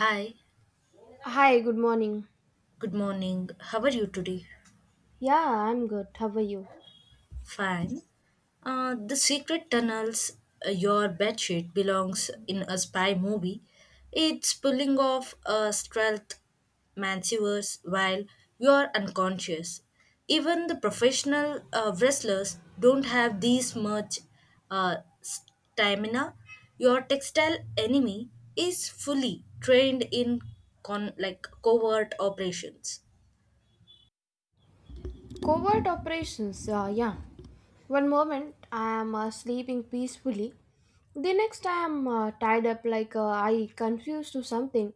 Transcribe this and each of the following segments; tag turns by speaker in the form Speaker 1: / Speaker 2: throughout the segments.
Speaker 1: Hi,
Speaker 2: Hi, good morning.
Speaker 1: good morning. How are you today?
Speaker 2: Yeah, I'm good. How are you?
Speaker 1: Fine. The Secret Tunnels, your bedsheet belongs in a spy movie. It's pulling off a stealth maneuvers while you're unconscious. Even the professional wrestlers don't have this much stamina. Your textile enemy is fully trained in like covert operations.
Speaker 2: Covert operations. Yeah. One moment I am sleeping peacefully. The next I am tied up like I confused to something.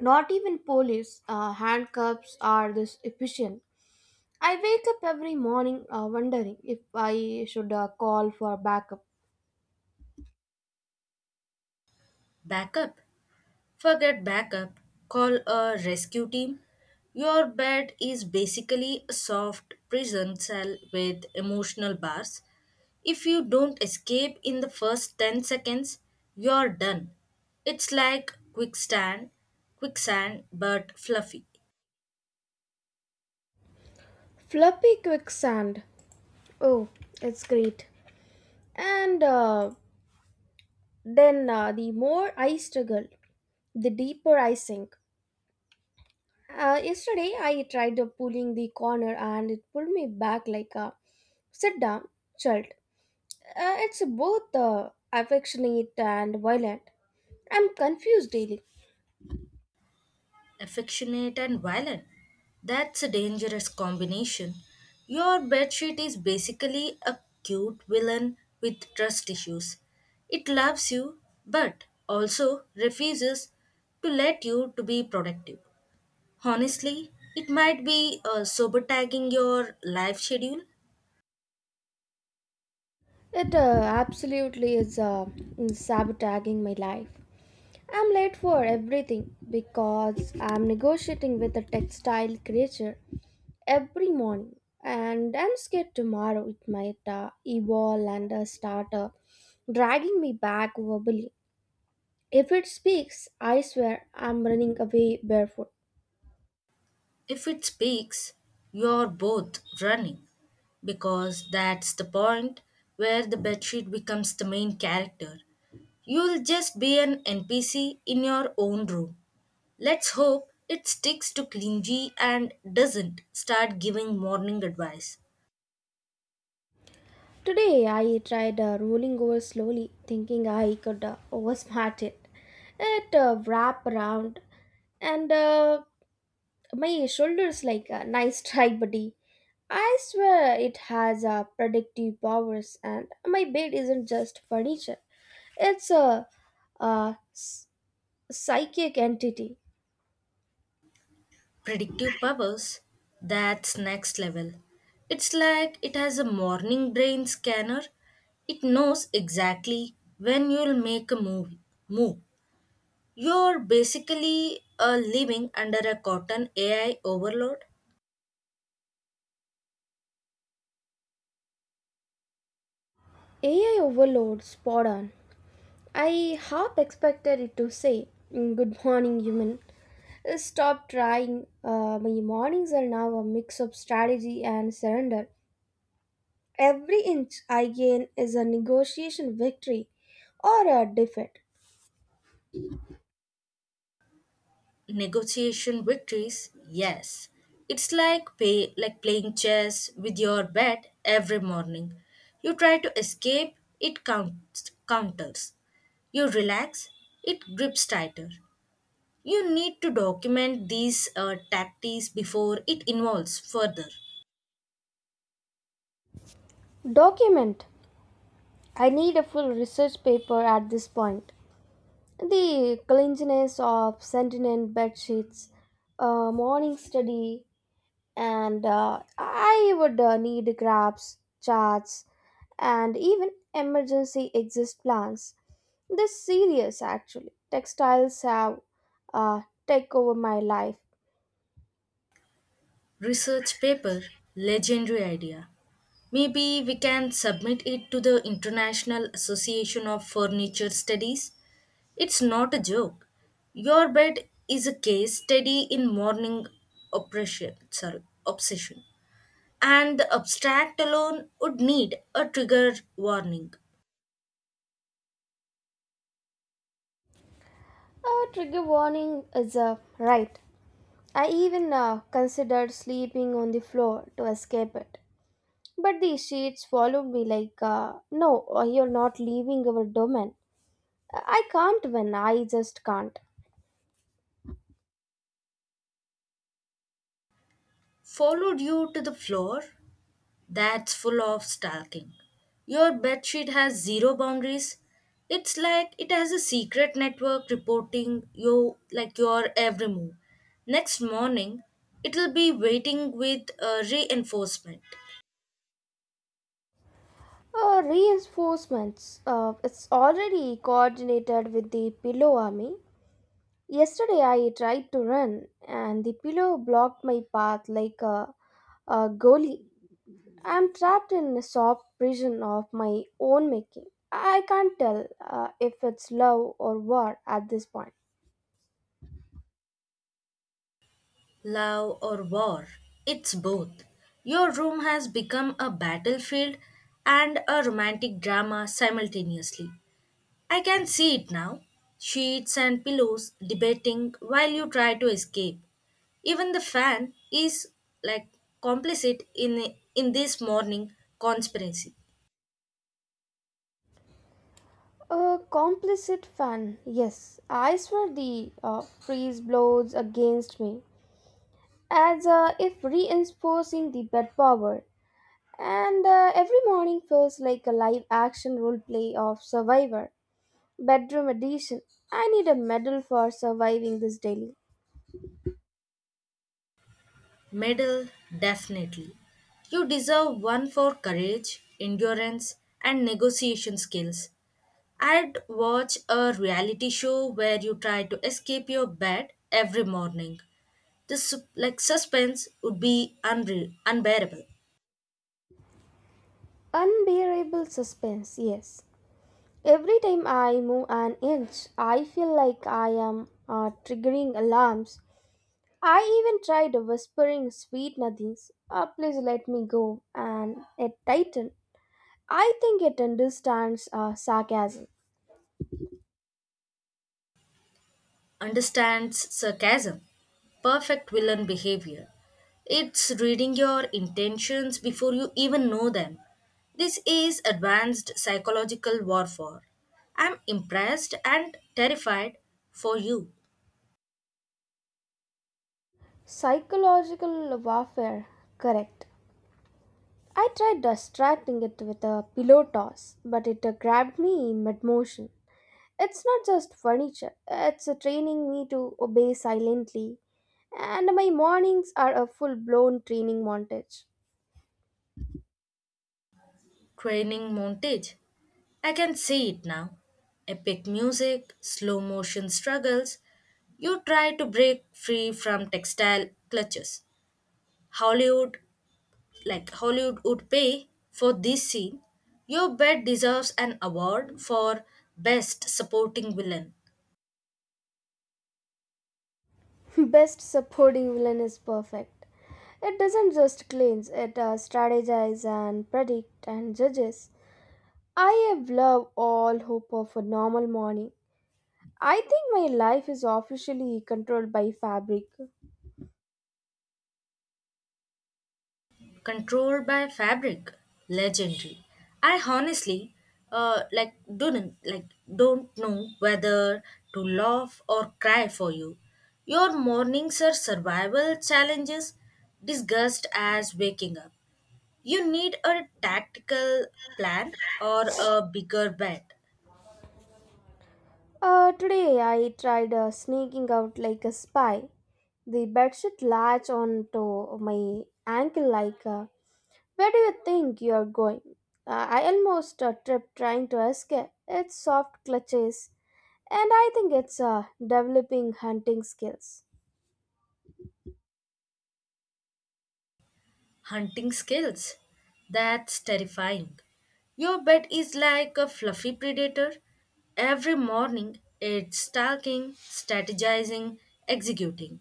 Speaker 2: Not even police handcuffs are this efficient. I wake up every morning wondering if I should call for backup.
Speaker 1: Backup. Forget backup, call a rescue team. Your bed is basically a soft prison cell with emotional bars. If you don't escape in the first 10 seconds, you're done. It's like quicksand but fluffy.
Speaker 2: Floppy quicksand. Oh, it's great. And then the more I struggle, the deeper I sink. Yesterday I tried pulling the corner and it pulled me back like a sit down child. It's both affectionate and violent. I'm confused daily.
Speaker 1: Affectionate and violent. That's a dangerous combination. Your bedsheet is basically a cute villain with trust issues. It loves you but also refuses to let you to be productive. Honestly, it might be sabotage your life schedule.
Speaker 2: It absolutely is sabotaging my life. I'm late for everything because I'm negotiating with a textile creature every morning, and I'm scared tomorrow it might evolve and start dragging me back verbally. If it speaks, I swear I'm running away barefoot.
Speaker 1: If it speaks, you're both running because that's the point where the bedsheet becomes the main character. You'll just be an NPC in your own room. Let's hope it sticks to clingy and doesn't start giving morning advice.
Speaker 2: Today I tried rolling over slowly, thinking I could oversmart it. It wrapped around and my shoulders like a nice try buddy. I swear it has predictive powers, and my bed isn't just furniture, it's a psychic entity.
Speaker 1: Predictive powers, that's next level. It's like it has a morning brain scanner. It knows exactly when you'll make a move. Move. You're basically living under a cotton AI overload.
Speaker 2: AI overload, spot on. I half expected it to say, "Mm, good morning human, stop trying." My mornings are now a mix of strategy and surrender. Every inch I gain is a negotiation victory or a defeat.
Speaker 1: Negotiation victories, yes. It's like like playing chess with your bed every morning. You try to escape, it counters. You relax, it grips tighter. You need to document these tactics before it evolves further.
Speaker 2: Document. I need a full research paper at this point. The cleanliness of sentinel bed sheets, morning study, and I would need graphs, charts, and even emergency exist plans. This serious actually. Textiles have uh, take over my life.
Speaker 1: Research paper, legendary idea. Maybe we can submit it to the International Association of Furniture Studies. It's not a joke. Your bed is a case study in morning oppression sorry obsession, and the abstract alone would need a trigger warning.
Speaker 2: A trigger warning is right. I even considered sleeping on the floor to escape it. But the shades followed me like, no, you're not leaving our domain. I can't win, I just can't.
Speaker 1: Followed you to the floor. That's full of stalking. Your bedsheet has zero boundaries. It's like it has a secret network reporting you like your every move. Next morning, it'll be waiting with a reinforcement.
Speaker 2: Reinforcements. It's already coordinated with the pillow army. Yesterday I tried to run and the pillow blocked my path like a goalie. I'm trapped in a soft prison of my own making. I can't tell if it's love or war at this point.
Speaker 1: Love or war, it's both. Your room has become a battlefield and a romantic drama simultaneously. I can see it now. Sheets and pillows debating while you try to escape. Even the fan is like complicit in this morning conspiracy.
Speaker 2: A complicit fan, yes. I swear the breeze blows against me, as if reinforcing the bed power. And every morning feels like a live action role play of Survivor, Bedroom Edition. I need a medal for surviving this daily.
Speaker 1: Medal, definitely. You deserve one for courage, endurance, and negotiation skills. I'd watch a reality show where you try to escape your bed every morning. The like suspense would be unbearable.
Speaker 2: Unbearable suspense, yes. Every time I move an inch, I feel like I am triggering alarms. I even tried whispering sweet nothings, "Ah, please let me go," and it tightened. I think it understands sarcasm.
Speaker 1: Understands sarcasm. Perfect villain behavior. It's reading your intentions before you even know them. This is advanced psychological warfare. I'm impressed and terrified for you.
Speaker 2: Psychological warfare, correct. I tried distracting it with a pillow toss, but it grabbed me mid motion. It's not just furniture, it's training me to obey silently, and my mornings are a full blown training montage.
Speaker 1: Training montage. I can see it now. Epic music, slow motion struggles. You try to break free from textile clutches. Hollywood Hollywood would pay for this scene, your bet deserves an award for Best Supporting Villain.
Speaker 2: Best supporting villain is perfect. It doesn't just cleanse, it strategizes and predicts and judges. I have loved all hope of a normal morning. I think my life is officially controlled by fabric.
Speaker 1: Controlled by Fabric, legendary. I honestly, uh, like don't like don't know whether to laugh or cry for you. Your mornings are survival challenges, disguised as waking up. You need a tactical plan or a bigger bet.
Speaker 2: Today I tried sneaking out like a spy. The bedsheet latched onto my ankle like, where do you think you are going? I almost tripped trying to escape. It's soft clutches, and I think it's developing hunting skills.
Speaker 1: Hunting skills? That's terrifying. Your bed is like a fluffy predator. Every morning it's stalking, strategizing, executing.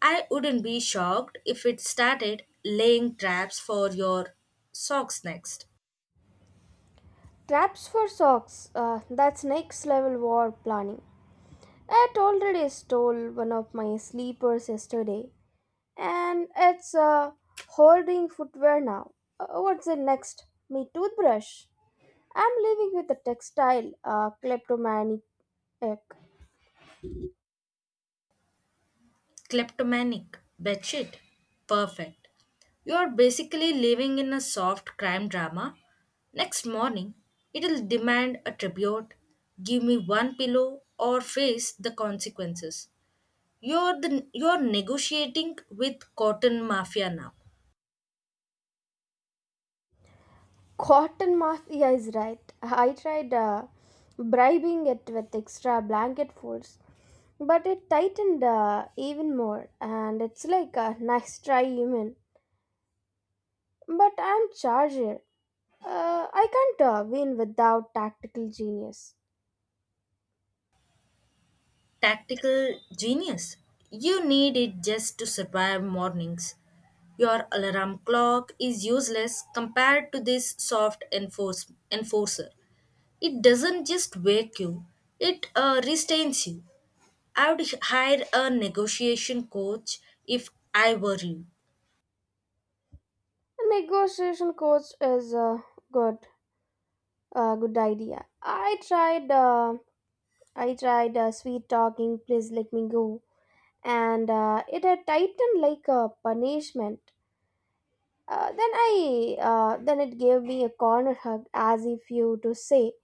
Speaker 1: I wouldn't be shocked if it started laying traps for your socks next.
Speaker 2: Traps for socks. That's next level war planning. I had already stole one of my sleepers yesterday, and it's holding footwear now. What's the next? Me toothbrush. I'm living with a textile kleptomaniac.
Speaker 1: Kleptomanic. Batshit. Perfect. You're basically living in a soft crime drama. Next morning, it'll demand a tribute. Give me one pillow or face the consequences. You're negotiating with cotton mafia now.
Speaker 2: Cotton mafia is right. I tried bribing it with extra blanket folds, but it tightened even more, and it's like a nice try, human. But I'm Charger. I can't win without tactical genius.
Speaker 1: Tactical genius. You need it just to survive mornings. Your alarm clock is useless compared to this soft enforcer. It doesn't just wake you, it restains you. I would hire a negotiation coach if I were you.
Speaker 2: A negotiation coach is a good, good idea. I tried sweet talking. Please let me go, and it had tightened like a punishment. Then then it gave me a corner hug, as if you to say,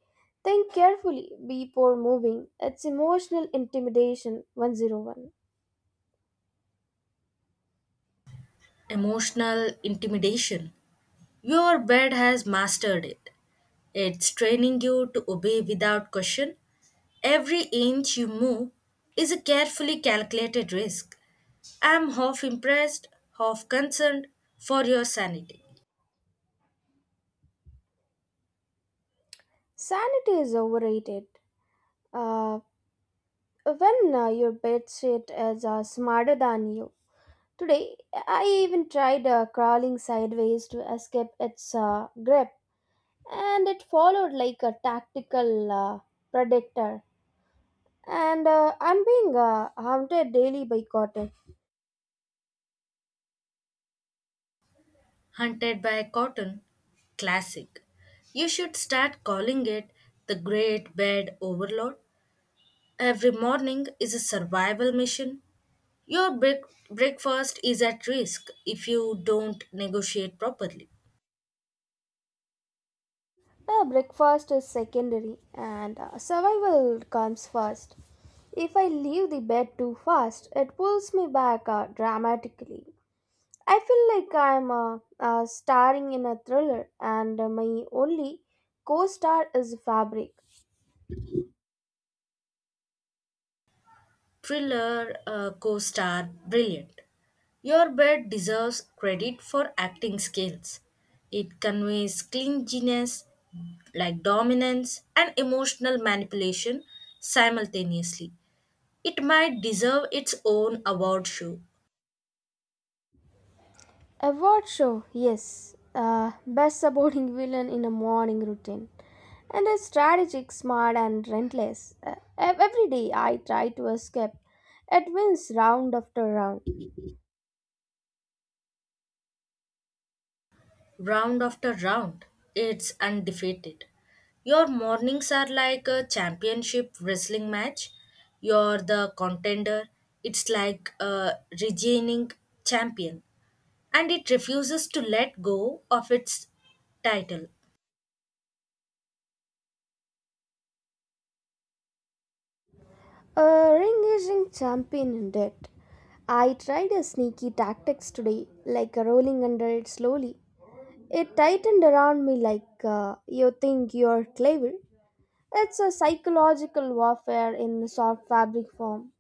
Speaker 2: think carefully before moving. It's emotional intimidation 101.
Speaker 1: Emotional intimidation. Your bed has mastered it. It's training you to obey without question. Every inch you move is a carefully calculated risk. I'm half impressed, half concerned for your sanity.
Speaker 2: Sanity is overrated. Uh, when your bedsheet is smarter than you. Today, I even tried crawling sideways to escape its grip, and it followed like a tactical predator. And I'm being haunted daily by cotton.
Speaker 1: Hunted by Cotton, classic. You should start calling it the Great Bed Overload. Every morning is a survival mission. Your breakfast is at risk if you don't negotiate properly.
Speaker 2: Breakfast is secondary, and survival comes first. If I leave the bed too fast, it pulls me back dramatically. I feel like I'm starring in a thriller, and my only co star is Fabric.
Speaker 1: Thriller co star, brilliant. Your bed deserves credit for acting skills. It conveys clinginess, like dominance, and emotional manipulation simultaneously. It might deserve its own award show.
Speaker 2: Award show, yes. Best supporting villain in a morning routine. And a strategic, smart, and relentless. Every day I try to escape. It wins round after round.
Speaker 1: Round after round, it's undefeated. Your mornings are like a championship wrestling match. You're the contender. It's like a reigning champion. And it refuses to let go of its title.
Speaker 2: A ring racing champion in debt. I tried a sneaky tactics today, like rolling under it slowly. It tightened around me like, you think you're clever. It's a psychological warfare in soft fabric form.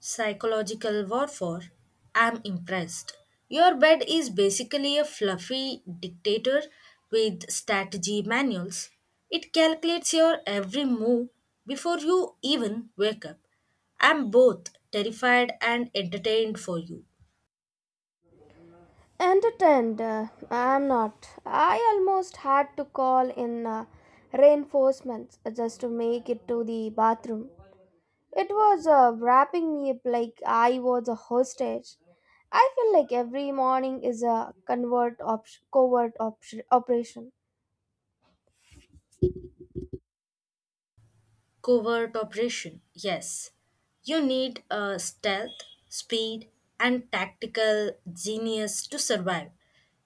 Speaker 1: Psychological warfare? I'm impressed. Your bed is basically a fluffy dictator with strategy manuals. It calculates your every move before you even wake up. I'm both terrified and entertained for you.
Speaker 2: Entertained, I'm not. I almost had to call in reinforcements just to make it to the bathroom. It was wrapping me up like I was a hostage. I feel like every morning is a covert operation.
Speaker 1: Covert operation, yes. You need stealth, speed, and tactical genius to survive.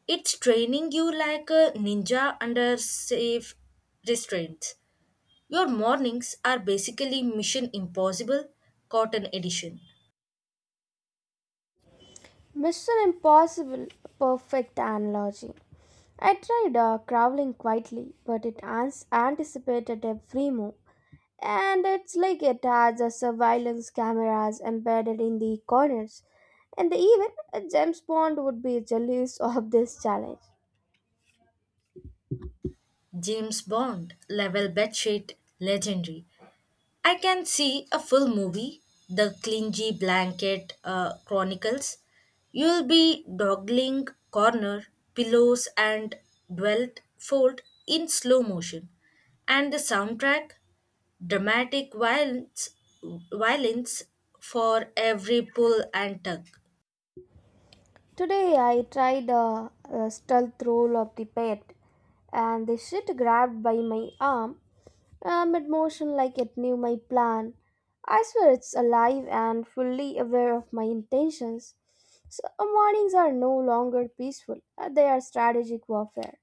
Speaker 1: It's training you like a ninja under safe restraints. Your mornings are basically Mission Impossible Cotton Edition.
Speaker 2: Mission Impossible, perfect analogy. I tried crawling quietly, but it anticipated every move. And it's like it has a surveillance cameras embedded in the corners. And even James Bond would be jealous of this challenge.
Speaker 1: James Bond, level bedsheet, legendary. I can see a full movie, The Clingy Blanket Chronicles. You'll be dogling corner, pillows, and dwelt fold in slow motion. And the soundtrack, dramatic violence for every pull and tug.
Speaker 2: Today I tried a stealth roll of the bed, and the shit grabbed by my arm mid motion like it knew my plan. I swear it's alive and fully aware of my intentions. So mornings are no longer peaceful, they are strategic warfare.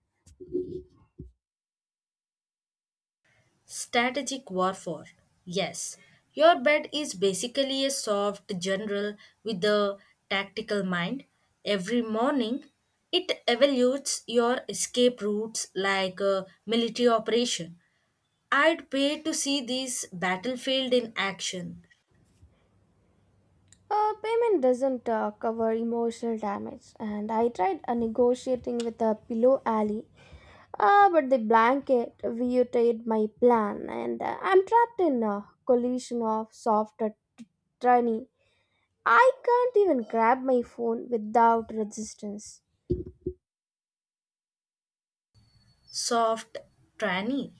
Speaker 1: Strategic warfare. Yes, your bed is basically a soft general with a tactical mind. Every morning, it evaluates your escape routes like a military operation. I'd pay to see this battlefield in action.
Speaker 2: Payment doesn't cover emotional damage, and I tried negotiating with a pillow alley. Ah, but the blanket reiterated my plan, and I'm trapped in a collision of tiny. I can't even grab my phone without resistance.
Speaker 1: Soft tranny.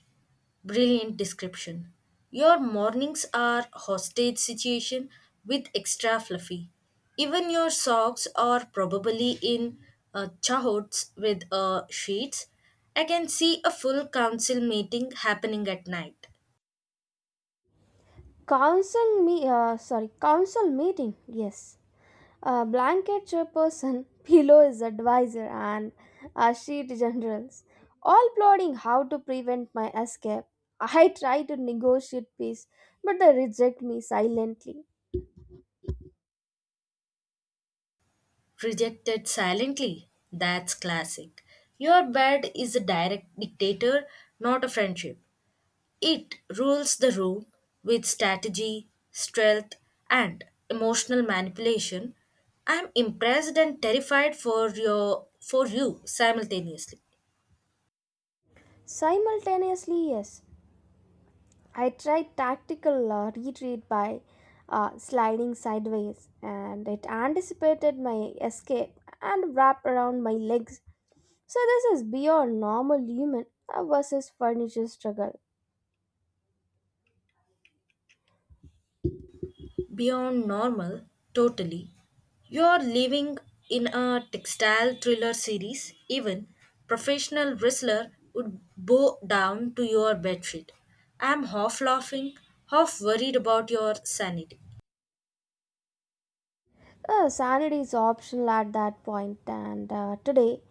Speaker 1: Brilliant description. Your mornings are hostage situation with extra fluffy. Even your socks are probably in chahots with sheets. I can see a full council meeting happening at night.
Speaker 2: Council meeting. Yes, blanket chairperson, pillow is advisor, and sheet generals, all plotting how to prevent my escape. I try to negotiate peace, but they reject me silently.
Speaker 1: Rejected silently. That's classic. Your bed is a direct dictator, not a friendship. It rules the room with strategy, stealth, and emotional manipulation. I'm impressed and terrified for you simultaneously.
Speaker 2: Simultaneously, yes. I tried tactical retreat by sliding sideways, and it anticipated my escape and wrapped around my legs. So, this is beyond normal human versus furniture struggle.
Speaker 1: Beyond normal, totally. You're living in a textile thriller series. Even professional wrestler would bow down to your bedsheet. I'm half laughing, half worried about your sanity.
Speaker 2: Sanity is optional at that point, and today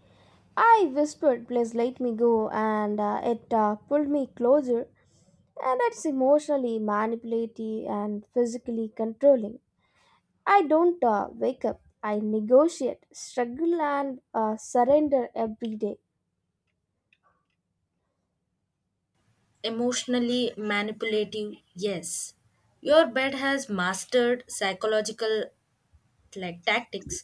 Speaker 2: I whispered, "Please let me go," and it pulled me closer, and it's emotionally manipulative and physically controlling. I don't wake up. I negotiate, struggle, and surrender every day.
Speaker 1: Emotionally manipulative, yes, your bed has mastered psychological like tactics.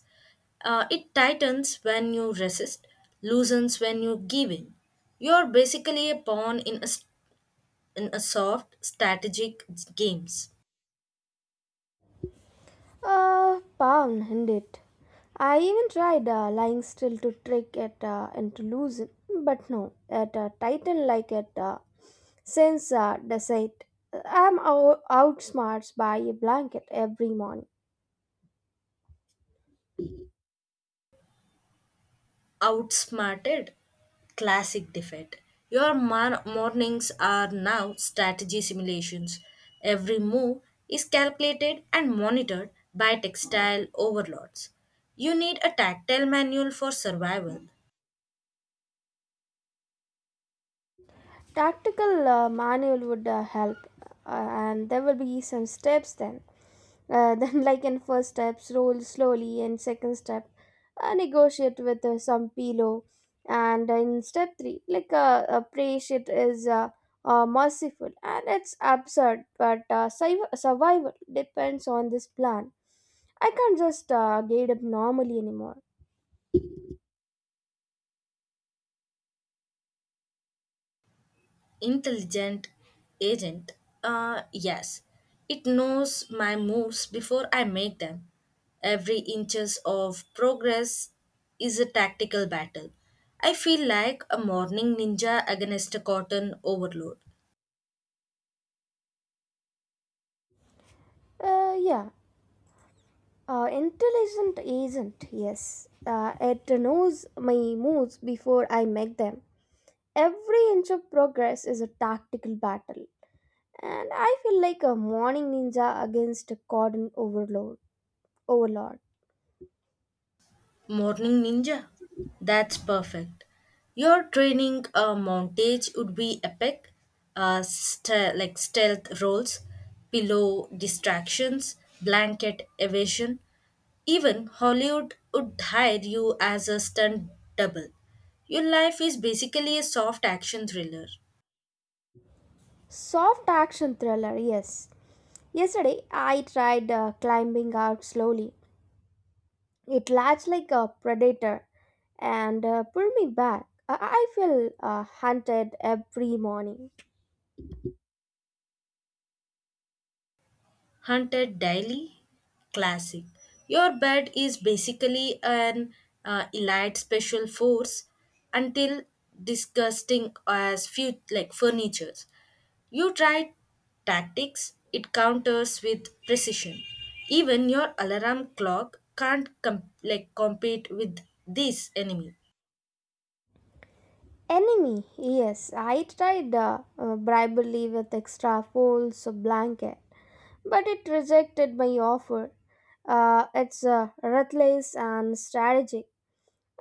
Speaker 1: It tightens when you resist, loosens when you give in. You're basically a pawn in a soft strategic games.
Speaker 2: Pawn, indeed. I even tried lying still to trick it into losing, but no, it tightened like it since deceit. I'm outsmarts by a blanket every morning.
Speaker 1: Outsmarted, classic defeat. Your mornings are now strategy simulations. Every move is calculated and monitored by textile overlords. You need a tactile manual for survival.
Speaker 2: Tactical manual would help, and there will be some steps then. Then, like in first steps, roll slowly, and second step, negotiate with some pillow, and in step three, like pray shit is merciful, and it's absurd, but survival depends on this plan. I can't just gate up normally anymore.
Speaker 1: Intelligent agent. Uh, yes, it knows my moves before I make them. Every inches of progress is a tactical battle. I feel like a morning ninja against a cotton overload.
Speaker 2: Uh, yeah, Intelligent agent, yes. It knows my moves before I make them. Every inch of progress is a tactical battle. And I feel like a morning ninja against a cordon overload overlord.
Speaker 1: Morning Ninja? That's perfect. Your training montage would be epic. Like stealth rolls, pillow distractions, blanket evasion. Even Hollywood would hire you as a stunt double. Your life is basically a soft action thriller.
Speaker 2: Soft action thriller, yes. Yesterday I tried climbing out slowly. It latched like a predator and pulled me back. I feel hunted every morning.
Speaker 1: Hunted Daily, Classic. Your bed is basically an elite special force until disgusting as few like furniture. You try tactics, it counters with precision. Even your alarm clock can't com- like compete with this enemy.
Speaker 2: Enemy, yes. I tried bribery with extra poles or blanket, but it rejected my offer. It's ruthless and strategic.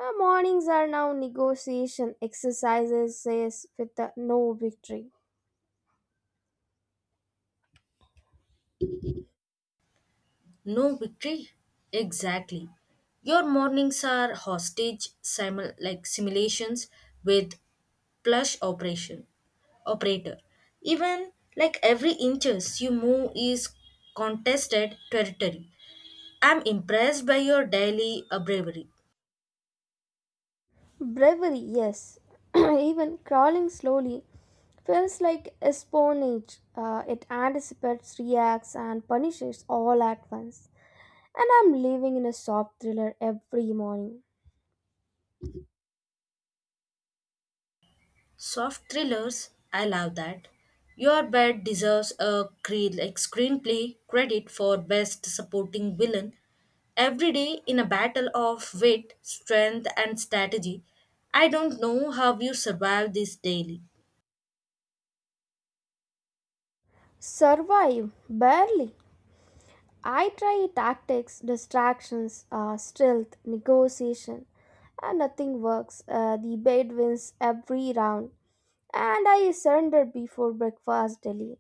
Speaker 2: Mornings are now negotiation exercises says with the no victory.
Speaker 1: No victory? Exactly. Your mornings are like simulations with plush operation operator. Even like every inches you move is contested territory. I'm impressed by your daily bravery.
Speaker 2: Bravery, yes. Even crawling slowly feels like espionage. It anticipates, reacts, and punishes all at once. And I'm living in a soft thriller every morning.
Speaker 1: Soft thrillers, I love that. Your bed deserves a like screenplay credit for best supporting villain. Every day in a battle of wit, strength, and strategy, I don't know how you survive this daily.
Speaker 2: Survive, barely. I try tactics, distractions, stealth, negotiation, and nothing works. The bed wins every round. And I surrendered before breakfast daily.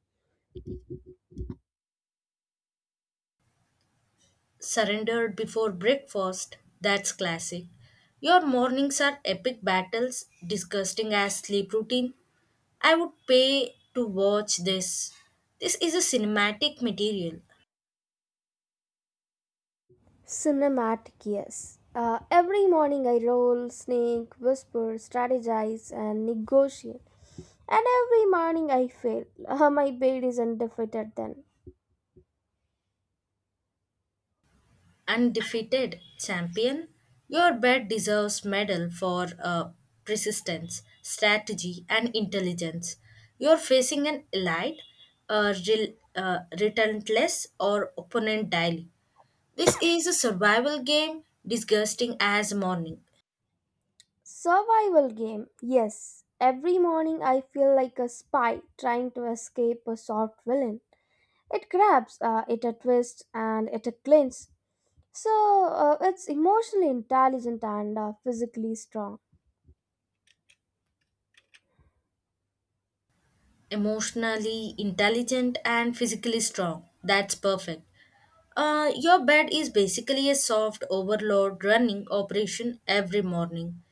Speaker 1: Surrendered before breakfast, that's classic. Your mornings are epic battles, disgusting as sleep routine. I would pay to watch this. This is a cinematic material.
Speaker 2: Cinematic, yes. Every morning I roll, snake, whisper, strategize, and negotiate. And every morning I fail. My bed is undefeated then.
Speaker 1: Undefeated champion, your bed deserves medal for persistence, strategy, and intelligence. You're facing an elite, relentless, or opponent daily. This is a survival game, disgusting as morning.
Speaker 2: Survival game, yes. Every morning I feel like a spy trying to escape a soft villain. It grabs, it a twist, and it a clinch. So it's emotionally intelligent and physically strong.
Speaker 1: Emotionally intelligent and physically strong. That's perfect. Your bed is basically a soft overload running operation every morning.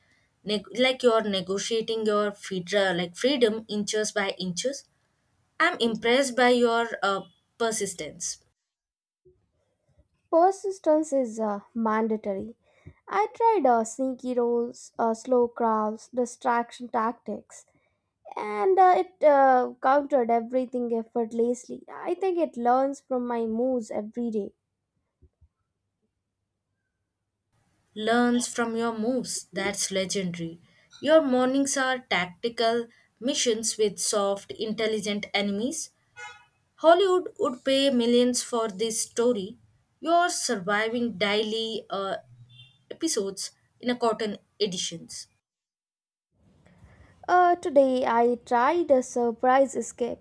Speaker 1: Like you're negotiating your fedra, like freedom inches by inches. I'm impressed by your persistence.
Speaker 2: Persistence is mandatory. I tried sneaky rolls, slow crafts, distraction tactics, and it countered everything effortlessly. I think it learns from my moves every day.
Speaker 1: Learns from your moves. That's legendary. Your mornings are tactical missions with soft, intelligent enemies. Hollywood would pay millions for this story. You're surviving daily episodes in a cotton editions.
Speaker 2: Today, I tried a surprise escape,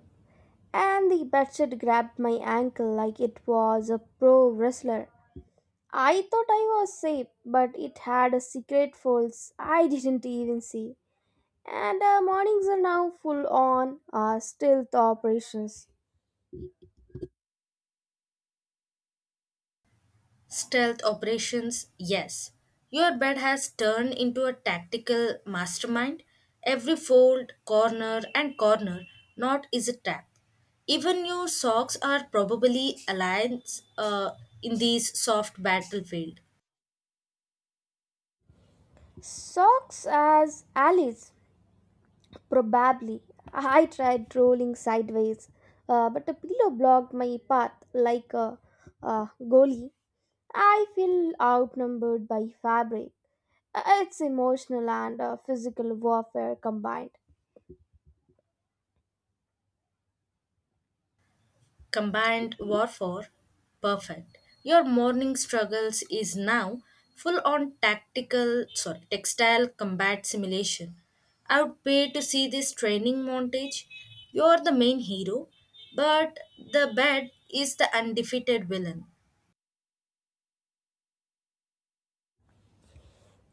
Speaker 2: and the bedsheet grabbed my ankle like it was a pro wrestler. I thought I was safe, but it had a secret force I didn't even see. And mornings are now full on stealth operations.
Speaker 1: Stealth operations, yes. Your bed has turned into a tactical mastermind. Every fold, corner, and corner knot is a trap. Even your socks are probably alliance in this soft battlefield.
Speaker 2: Socks as allies, probably. I tried rolling sideways, but a pillow blocked my path like a goalie. I feel outnumbered by fabric. It's emotional and physical warfare combined.
Speaker 1: Combined warfare, perfect. Your morning struggles is now full on tactical sorry textile combat simulation. I would pay to see this training montage. You're the main hero, but the bed is the undefeated villain.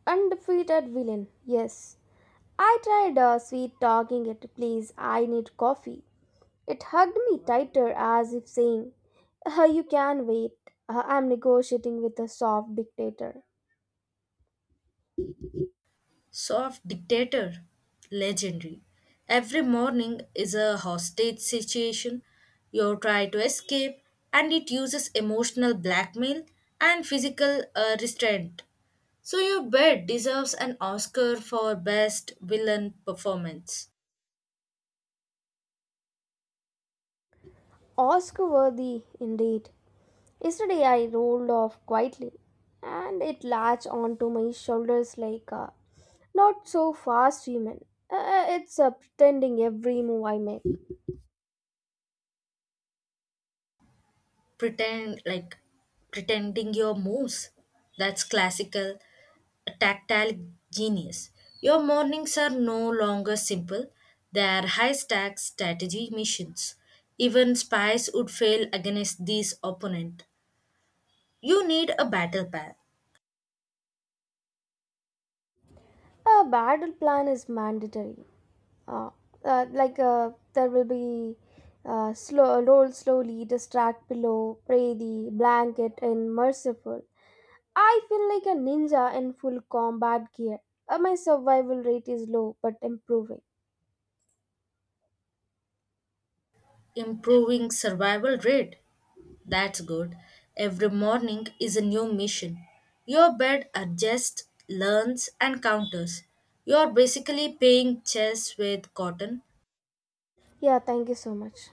Speaker 2: Undefeated villain, yes. I tried sweet talking it, please, I need coffee. It hugged me tighter as if saying, You can wait." I'm negotiating with a soft dictator.
Speaker 1: Soft dictator, legendary. Every morning is a hostage situation. You try to escape, and it uses emotional blackmail and physical restraint. So, your bed deserves an Oscar for best villain performance.
Speaker 2: Oscar worthy, indeed. Yesterday I rolled off quietly and it latched onto my shoulders like a not so fast human. It's pretending every move I make.
Speaker 1: Pretend like Pretending your moves. That's classical. A tactile genius. Your mornings are no longer simple, they are high stack strategy missions. Even spies would fail against these opponent. You need a battle path.
Speaker 2: A battle plan is mandatory. Uh, there will be slow roll slowly, distract pillow, pray the blanket, and merciful. I feel like a ninja in full combat gear. My survival rate is low but improving.
Speaker 1: Improving survival rate. That's good. Every morning is a new mission. Your bed adjusts, learns, and counters. You are basically playing chess with cotton.
Speaker 2: Yeah, thank you so much.